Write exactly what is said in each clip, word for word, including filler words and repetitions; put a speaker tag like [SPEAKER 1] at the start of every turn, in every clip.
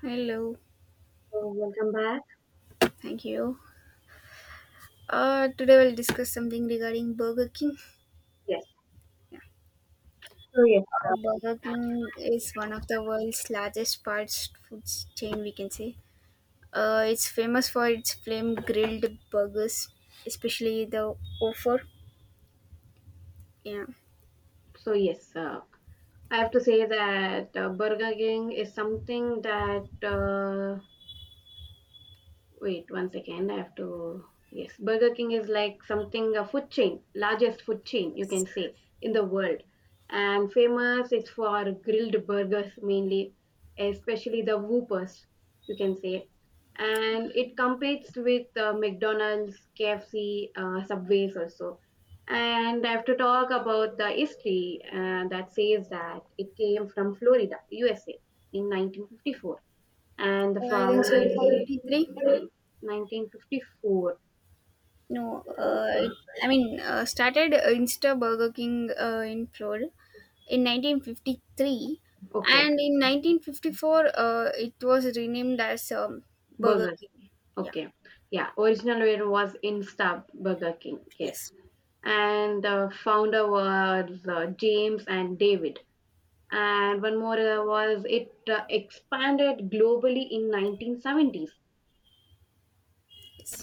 [SPEAKER 1] Hello,
[SPEAKER 2] So welcome back.
[SPEAKER 1] thank you. Uh, today we'll discuss something regarding Burger King.
[SPEAKER 2] Yes.
[SPEAKER 1] Yeah.
[SPEAKER 2] So yes. uh,
[SPEAKER 1] Uh, Burger King is one of the world's largest fast food chain, we can say. Uh, it's famous for its flame grilled burgers, especially the offer. Yeah.
[SPEAKER 2] so yes. Uh, I have to say that uh, Burger King is something that uh, wait one second. I have to. Yes, Burger King is like something, a food chain, largest food chain you can say in the world, and famous is for grilled burgers mainly, especially the Whoopers you can say, and it competes with uh, McDonald's, K F C, uh, Subways also. And I have to talk about the history uh, that says that it came from Florida, U S A, in nineteen fifty-four, and the
[SPEAKER 1] Uh, I can say
[SPEAKER 2] founder
[SPEAKER 1] it's fifty-three.
[SPEAKER 2] nineteen fifty-four.
[SPEAKER 1] No, uh, it, I mean, uh, started uh, Insta Burger King uh, in Florida in nineteen fifty-three,
[SPEAKER 2] Okay.
[SPEAKER 1] and in nineteen fifty-four, uh, it was renamed as um, Burger
[SPEAKER 2] Burger.
[SPEAKER 1] King. Yeah,
[SPEAKER 2] Okay. Yeah. Original name was Insta Burger King. Yes.
[SPEAKER 1] yes.
[SPEAKER 2] And the founder was uh, James and David. And one more uh, was it uh, expanded globally in nineteen seventies.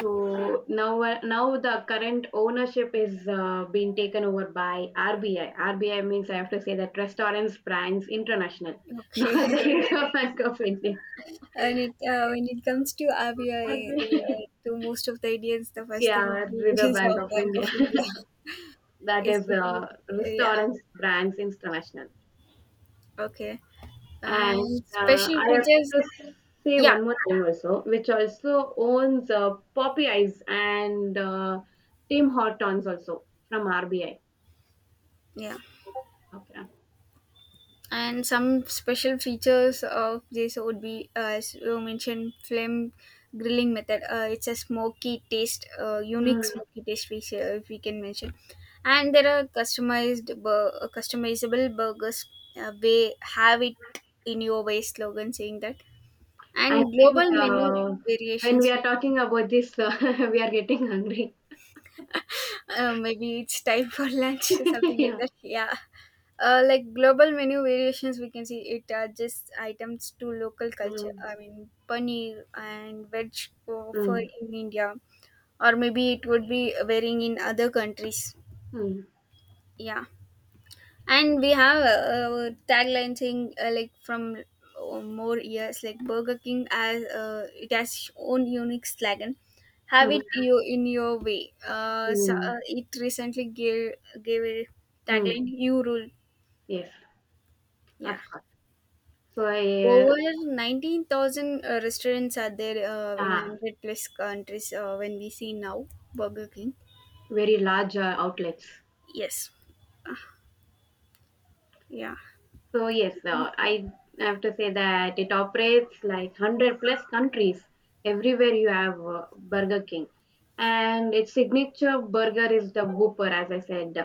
[SPEAKER 2] So now, uh, now the current ownership is uh, being taken over by R B I. R B I means I have to say that Restaurants Brands International, not
[SPEAKER 1] Okay,
[SPEAKER 2] the Reserve Bank of India.
[SPEAKER 1] and it, uh, when it comes to Abia,
[SPEAKER 2] R B
[SPEAKER 1] uh,
[SPEAKER 2] I.
[SPEAKER 1] to most of the Indians, the first thing would
[SPEAKER 2] Yeah,
[SPEAKER 1] be
[SPEAKER 2] Reserve
[SPEAKER 1] is
[SPEAKER 2] Bank
[SPEAKER 1] our
[SPEAKER 2] of
[SPEAKER 1] Bank
[SPEAKER 2] India.
[SPEAKER 1] of India,
[SPEAKER 2] That is
[SPEAKER 1] especially.
[SPEAKER 2] uh,
[SPEAKER 1] Uh, yeah,
[SPEAKER 2] Restaurants Brands International.
[SPEAKER 1] okay.
[SPEAKER 2] And
[SPEAKER 1] And
[SPEAKER 2] uh,
[SPEAKER 1] special
[SPEAKER 2] I
[SPEAKER 1] features,
[SPEAKER 2] have to say
[SPEAKER 1] yeah,
[SPEAKER 2] one more thing also, which also owns uh, Poppy Eyes and uh, Tim Hortons also from R B I.
[SPEAKER 1] yeah.
[SPEAKER 2] Okay.
[SPEAKER 1] and some special features of this would be uh, as you mentioned flame grilling method, uh, it's a smoky taste, uh, unique
[SPEAKER 2] Hmm.
[SPEAKER 1] smoky taste we say, if we can mention. And there are customized bur- uh, customizable burgers, uh, we have it in your way slogan saying that,
[SPEAKER 2] I
[SPEAKER 1] and
[SPEAKER 2] think
[SPEAKER 1] global menu
[SPEAKER 2] uh, when we
[SPEAKER 1] variations.
[SPEAKER 2] are talking about this, uh, we are getting hungry.
[SPEAKER 1] Uh, maybe it's time for lunch, something like
[SPEAKER 2] Yeah.
[SPEAKER 1] that. Yeah, uh, like global menu variations, we can see it adjusts items to local culture.
[SPEAKER 2] Mm,
[SPEAKER 1] I mean paneer and veg for for
[SPEAKER 2] mm,
[SPEAKER 1] in India, or maybe it would be varying in other countries.
[SPEAKER 2] mm,
[SPEAKER 1] Yeah, and we have a, a tagline thing, uh, like from uh, more years. Like Burger King, as uh, it has its own unique slogan, have
[SPEAKER 2] mm,
[SPEAKER 1] it you in your way. Uh, so,
[SPEAKER 2] mm,
[SPEAKER 1] uh it recently gave gave a
[SPEAKER 2] mm.
[SPEAKER 1] tagline, you rule.
[SPEAKER 2] Yes,
[SPEAKER 1] Yeah,
[SPEAKER 2] of course. So, uh,
[SPEAKER 1] over nineteen thousand uh, restaurants are there uh, in
[SPEAKER 2] yeah.
[SPEAKER 1] one hundred plus countries uh, when we see now Burger King.
[SPEAKER 2] Very large uh, outlets.
[SPEAKER 1] Yes. Uh, yeah.
[SPEAKER 2] So yes, uh, I have to say that it operates like hundred plus countries. Everywhere you have uh, Burger King, and its signature burger is the Whopper, as I said.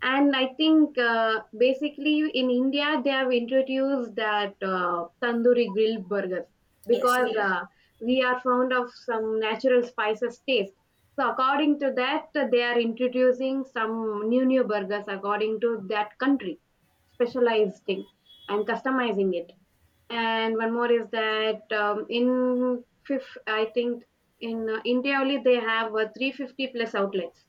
[SPEAKER 2] And I think uh, basically in India they have introduced that uh, tandoori grilled burgers
[SPEAKER 1] Yes.
[SPEAKER 2] because yes, uh, we are fond of some natural spices taste. So according to that, they are introducing some new new burgers according to that country specialized thing, and customizing it. And one more is that um, in fifth, I think, in uh, India only they have uh, three hundred fifty plus outlets.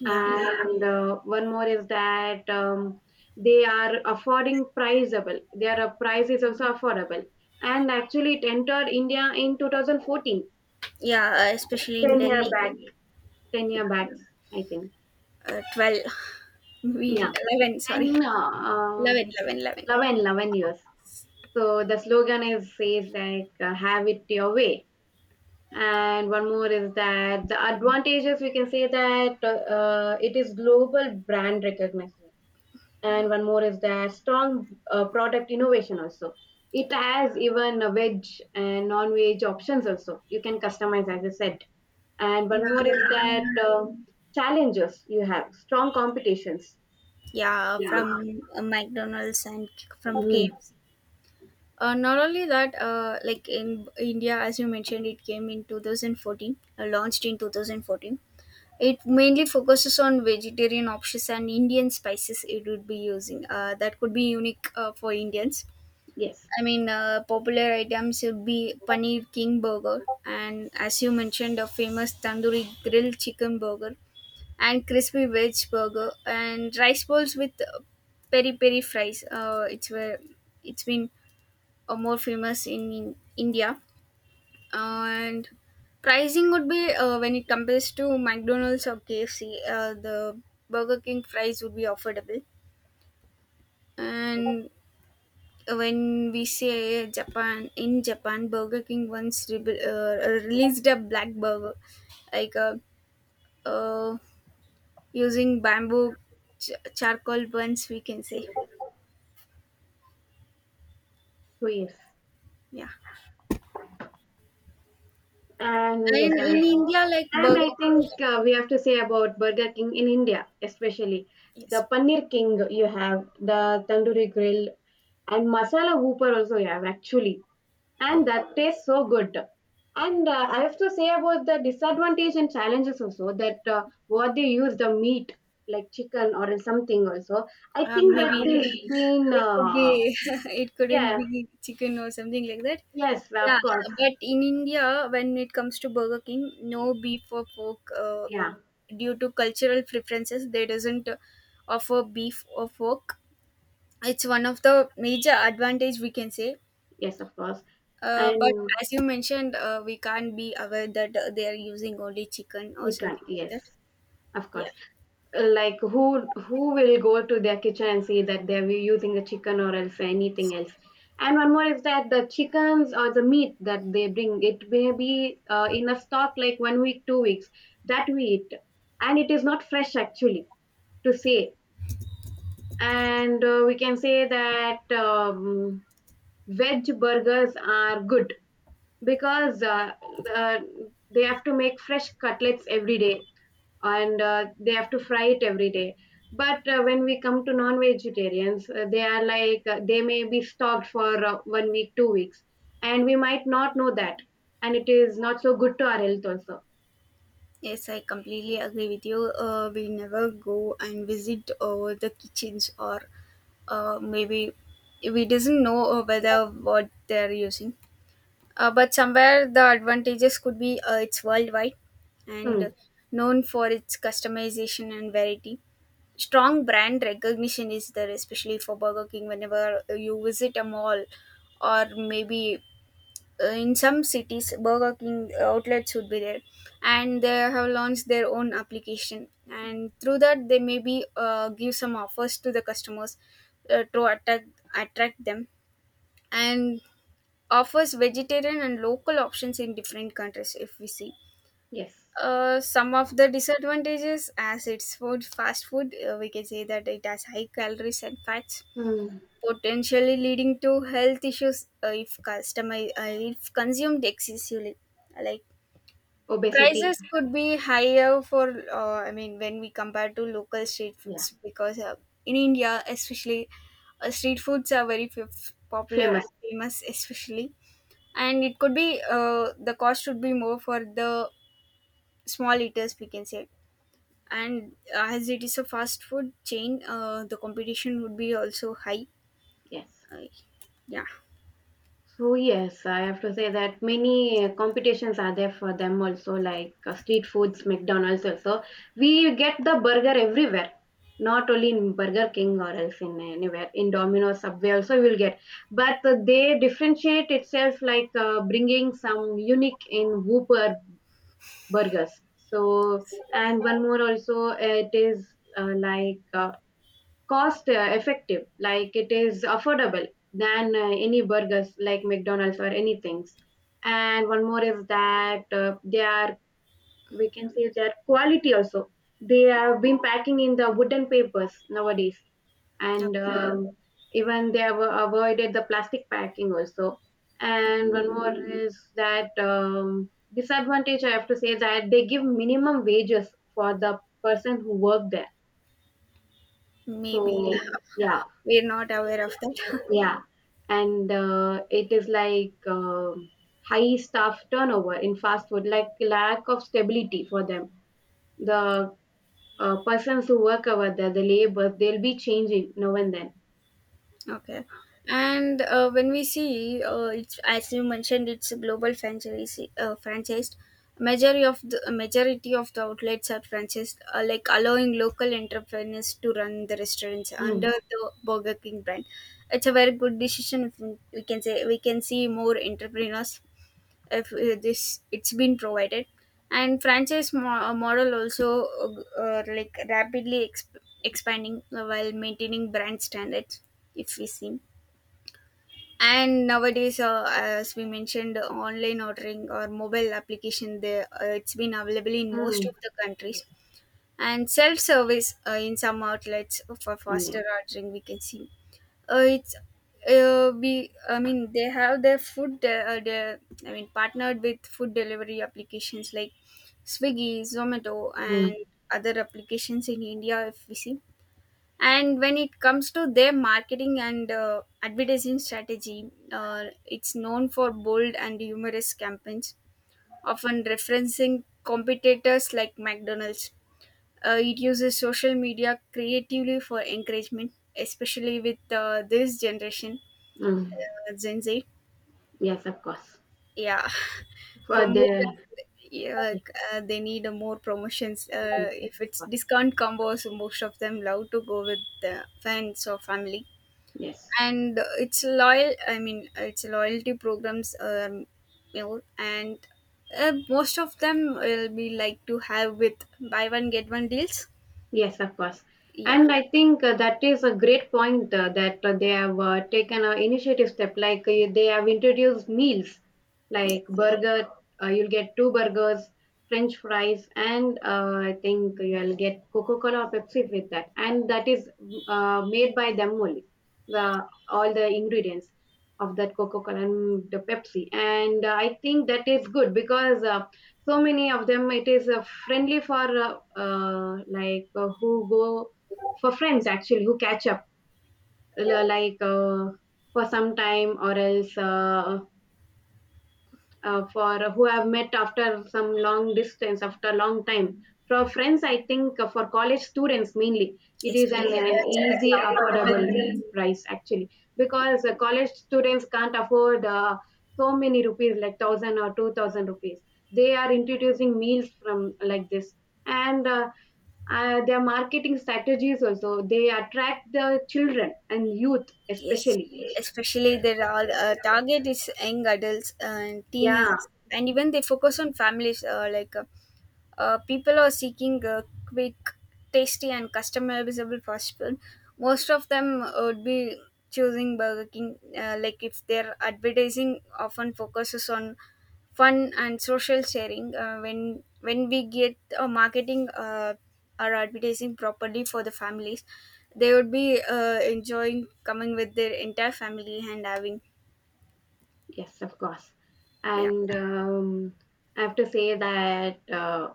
[SPEAKER 1] Yeah.
[SPEAKER 2] And uh, one more is that um, they are affording priceable. Their uh, price is also affordable. And actually, it entered India in two thousand fourteen,
[SPEAKER 1] Yeah, especially in
[SPEAKER 2] ten year
[SPEAKER 1] Delhi.
[SPEAKER 2] back, ten year back, I think.
[SPEAKER 1] uh, twelve, we
[SPEAKER 2] Yeah,
[SPEAKER 1] eleven, sorry,
[SPEAKER 2] and uh, uh,
[SPEAKER 1] eleven, eleven, eleven.
[SPEAKER 2] years. So the slogan is says like uh, "Have it your way." And one more is that the advantages, we can say that uh, it is global brand recognition, and one more is that strong uh, product innovation also. It has even a veg and non-veg options also, you can customize as I said. And one more
[SPEAKER 1] Yeah,
[SPEAKER 2] is that
[SPEAKER 1] and
[SPEAKER 2] uh, challenges, you have strong competitions.
[SPEAKER 1] yeah,
[SPEAKER 2] Yeah.
[SPEAKER 1] from uh, McDonald's and from
[SPEAKER 2] Mhm.
[SPEAKER 1] KFC. Uh, not only that, uh, like in India, as you mentioned, it came in two thousand fourteen, uh, launched in twenty fourteen. It mainly focuses on vegetarian options and Indian spices it would be using, uh, that could be unique uh, for Indians.
[SPEAKER 2] Yes.
[SPEAKER 1] I mean, uh, popular items would be paneer king burger, and as you mentioned, a famous tandoori grilled chicken burger, and crispy veg burger, and rice balls with uh, peri peri fries. Uh, it's where it's been uh, more famous in, in India, and pricing would be uh, when it compares to McDonald's or K F C, uh, the Burger King fries would be affordable. And when we say Japan, in Japan, Burger King once re- uh, released a black burger, like uh, uh, using bamboo ch- charcoal buns, we can say.
[SPEAKER 2] So yes.
[SPEAKER 1] Yeah,
[SPEAKER 2] And yes,
[SPEAKER 1] and
[SPEAKER 2] and
[SPEAKER 1] in India, like
[SPEAKER 2] and I
[SPEAKER 1] Burger King,
[SPEAKER 2] think uh, we have to say about Burger King in India, especially
[SPEAKER 1] yes.
[SPEAKER 2] the Paneer King you have, the Tandoori Grill, and Masala Hooper also you have actually, and that tastes so good. And uh, I have to say about the disadvantage and challenges also, that uh, what they use, the meat like chicken or something also. I
[SPEAKER 1] Uh,
[SPEAKER 2] think that
[SPEAKER 1] maybe
[SPEAKER 2] has been
[SPEAKER 1] it could be
[SPEAKER 2] uh,
[SPEAKER 1] it couldn't
[SPEAKER 2] Yeah.
[SPEAKER 1] be chicken or something like that.
[SPEAKER 2] Yes, of
[SPEAKER 1] Yeah,
[SPEAKER 2] course.
[SPEAKER 1] but in India when it comes to Burger King, no beef or pork, uh,
[SPEAKER 2] Yeah.
[SPEAKER 1] due to cultural preferences they doesn't uh, offer beef or pork. It's one of the major advantage, we can say.
[SPEAKER 2] Yes, of course.
[SPEAKER 1] Uh, but
[SPEAKER 2] And
[SPEAKER 1] as you mentioned, uh, we can't be aware that uh, they are using only chicken or
[SPEAKER 2] chicken,
[SPEAKER 1] something like
[SPEAKER 2] yes.
[SPEAKER 1] that.
[SPEAKER 2] Of course.
[SPEAKER 1] Yeah.
[SPEAKER 2] Like who who will go to their kitchen and see that they're using the chicken or else anything else. And one more is that the chickens or the meat that they bring, it may be uh, in a stock like one week, two weeks that we eat, and it is not fresh actually to say. And uh, we can say that um, veg burgers are good because uh, uh, they have to make fresh cutlets every day, and uh, they have to fry it every day. But uh, when we come to non-vegetarians, uh, they are like uh, they may be stocked for uh, one week two weeks, and we might not know that, and it is not so good to our health also.
[SPEAKER 1] Yes, I completely agree with you. Uh, we never go and visit uh, the kitchens, or uh, maybe we doesn't know uh, whether what they're using. Uh, but somewhere the advantages could be, uh, it's worldwide and
[SPEAKER 2] Mm.
[SPEAKER 1] known for its customization and variety. Strong brand recognition is there, especially for Burger King. Whenever you visit a mall, or maybe uh, in some cities Burger King uh, outlets would be there, and they have launched their own application, and through that they maybe uh, give some offers to the customers uh, to attract attract them. And offers vegetarian and local options in different countries if we see.
[SPEAKER 2] Yes.
[SPEAKER 1] Uh, some of the disadvantages, as it's food fast food, uh, we can say that it has high calories and fats,
[SPEAKER 2] Mm.
[SPEAKER 1] potentially leading to health issues uh, if customer uh, if consumed excessively, like
[SPEAKER 2] Obesity.
[SPEAKER 1] prices could be higher for, uh, i mean when we compare to local street
[SPEAKER 2] Yeah.
[SPEAKER 1] foods, because uh, in India especially, uh, street foods are very f- popular
[SPEAKER 2] Famous.
[SPEAKER 1] and famous especially, and it could be, uh, the cost would be more for the small eaters, we can say. And as it is a fast food chain, uh, the competition would be also high.
[SPEAKER 2] Yes.
[SPEAKER 1] uh, yeah.
[SPEAKER 2] So yes, I have to say that many uh, competitions are there for them also, like uh, street foods, McDonald's also. We get the burger everywhere, not only in Burger King or else in anywhere. In Domino's, Subway also we will get. But uh, they differentiate itself, like uh, bringing some unique in Whopper burgers. So, and one more also, it is uh, like. Uh, cost uh, effective, like it is affordable than uh, any burgers like McDonald's or anything. And one more is that uh, they are, we can say, their quality also. They have been packing in the wooden papers nowadays, and
[SPEAKER 1] Okay.
[SPEAKER 2] um, even they have avoided the plastic packing also. And one more is that um, disadvantage, I have to say that they give minimum wages for the person who work there, so
[SPEAKER 1] Maybe
[SPEAKER 2] yeah.
[SPEAKER 1] we're not aware of that.
[SPEAKER 2] Yeah, and uh, it is like um high staff turnover in fast food, like lack of stability for them. The uh, persons who work over there, the labor, they'll be changing now and then.
[SPEAKER 1] Okay. And uh, when we see, uh, it's as you mentioned, it's a global franchise. Uh, franchised, majority of the majority of the outlets are franchised, uh, like allowing local entrepreneurs to run the restaurants
[SPEAKER 2] Mm.
[SPEAKER 1] under the Burger King brand. It's a very good decision. If we we can say, we can see more entrepreneurs if uh, this it's been provided. And franchise mo- uh, model also, uh, uh, like rapidly exp- expanding while maintaining brand standards if we see. And nowadays, uh, as we mentioned, online ordering or mobile application there, uh, it's been available in most
[SPEAKER 2] Mm.
[SPEAKER 1] of the countries.
[SPEAKER 2] Yes.
[SPEAKER 1] And self-service uh, in some outlets for
[SPEAKER 2] Mm.
[SPEAKER 1] faster ordering, we can see. Uh, it's uh, be I mean They have their food de- uh, their, I mean partnered with food delivery applications like Swiggy, Zomato, and
[SPEAKER 2] Mm.
[SPEAKER 1] other applications in India if we see. And when it comes to their marketing and uh, advertising strategy, uh, it's known for bold and humorous campaigns, often referencing competitors like McDonald's. Uh, it uses social media creatively for encouragement, especially with uh, this generation,
[SPEAKER 2] Mm.
[SPEAKER 1] uh, Gen Z.
[SPEAKER 2] Yes, of course.
[SPEAKER 1] Yeah,
[SPEAKER 2] For
[SPEAKER 1] promotions.
[SPEAKER 2] the.
[SPEAKER 1] Yeah,
[SPEAKER 2] Yes,
[SPEAKER 1] like, uh, they need uh, more promotions.
[SPEAKER 2] yes,
[SPEAKER 1] Uh,
[SPEAKER 2] of
[SPEAKER 1] if it's
[SPEAKER 2] course.
[SPEAKER 1] discount combos, most of them love to go with the friends or family.
[SPEAKER 2] Yes.
[SPEAKER 1] And uh, it's loyal. I mean, uh, it's loyalty programs. Um, you know, and uh, most of them will be like to have with buy one get one deals.
[SPEAKER 2] Yes, of course.
[SPEAKER 1] Yeah.
[SPEAKER 2] And I think uh, that is a great point uh, that uh, they have uh, taken an initiative step. Like uh, they have introduced meals like burger, uh, you'll get two burgers, French fries, and uh, I think you'll get Coca Cola or Pepsi with that. And that is uh, made by them only, the, all the ingredients of that Coca Cola and the Pepsi. And uh, I think that is good because uh, so many of them, it is uh, friendly for uh, uh, like uh, who go for friends actually, who catch up l- like uh, for some time, or else uh, uh, for uh, who I've met after some long distance, after a long time. For friends, I think uh, for college students mainly, it is an
[SPEAKER 1] Especially
[SPEAKER 2] uh,
[SPEAKER 1] uh, especially
[SPEAKER 2] easy,
[SPEAKER 1] affordable within.
[SPEAKER 2] affordable price actually, because uh, college students can't afford uh, so many rupees like thousand or two thousand rupees. They are introducing meals from like this, and uh, uh, their marketing strategies also, they attract the children and youth
[SPEAKER 1] Yes,
[SPEAKER 2] especially.
[SPEAKER 1] especially there are, uh, target is young adults and
[SPEAKER 2] Yeah.
[SPEAKER 1] teenagers, and even they focus on families, uh, like uh, uh, people are seeking uh, quick, tasty, and customizable possible, most of them uh, would be choosing Burger King, uh, like if their advertising often focuses on fun and social sharing. Uh, when when we get uh, marketing uh, or advertising properly for the families, they would be uh, enjoying coming with their entire family and having.
[SPEAKER 2] Yes, of course.
[SPEAKER 1] Yeah.
[SPEAKER 2] And um, I have to say that uh,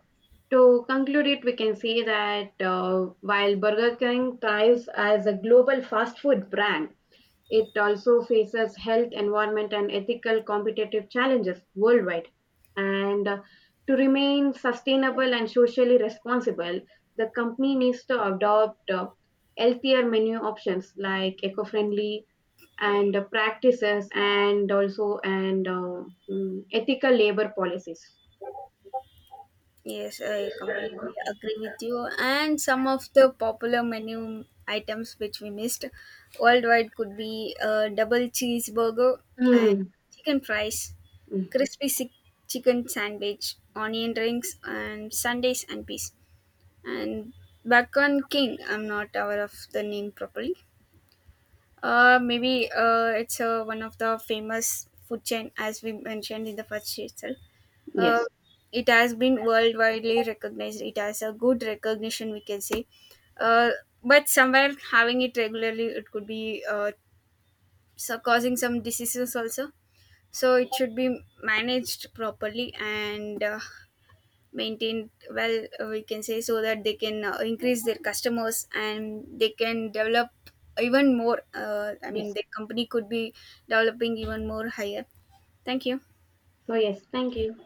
[SPEAKER 2] to conclude it, we can say that uh, while Burger King thrives as a global fast food brand, it also faces health, environment, and ethical competitive challenges worldwide. And uh, to remain sustainable and socially responsible, the company needs to adopt uh, healthier menu options like eco friendly and uh, practices, and also, and uh, mm, ethical labor policies.
[SPEAKER 1] Yes, I completely agree with you. And some of the popular menu items which we missed worldwide could be a double cheeseburger and
[SPEAKER 2] Mm.
[SPEAKER 1] chicken fries,
[SPEAKER 2] Mm.
[SPEAKER 1] crispy si- chicken sandwich, onion rings, and sundays and peas, and Bakwan King. I'm not aware of the name properly. Uh, maybe uh, it's uh, one of the famous food chain, as we mentioned in the first itself. Uh,
[SPEAKER 2] Yes.
[SPEAKER 1] it has been worldwidely recognized. It has a good recognition, we can say. Uh, but somewhere having it regularly, it could be uh, so causing some diseases also. So it should be managed properly and uh, maintained well, uh, we can say, so that they can uh, increase their customers and they can develop even more. Uh, i mean
[SPEAKER 2] Yes.
[SPEAKER 1] the company could be developing even more higher. Thank you.
[SPEAKER 2] So yes, thank you.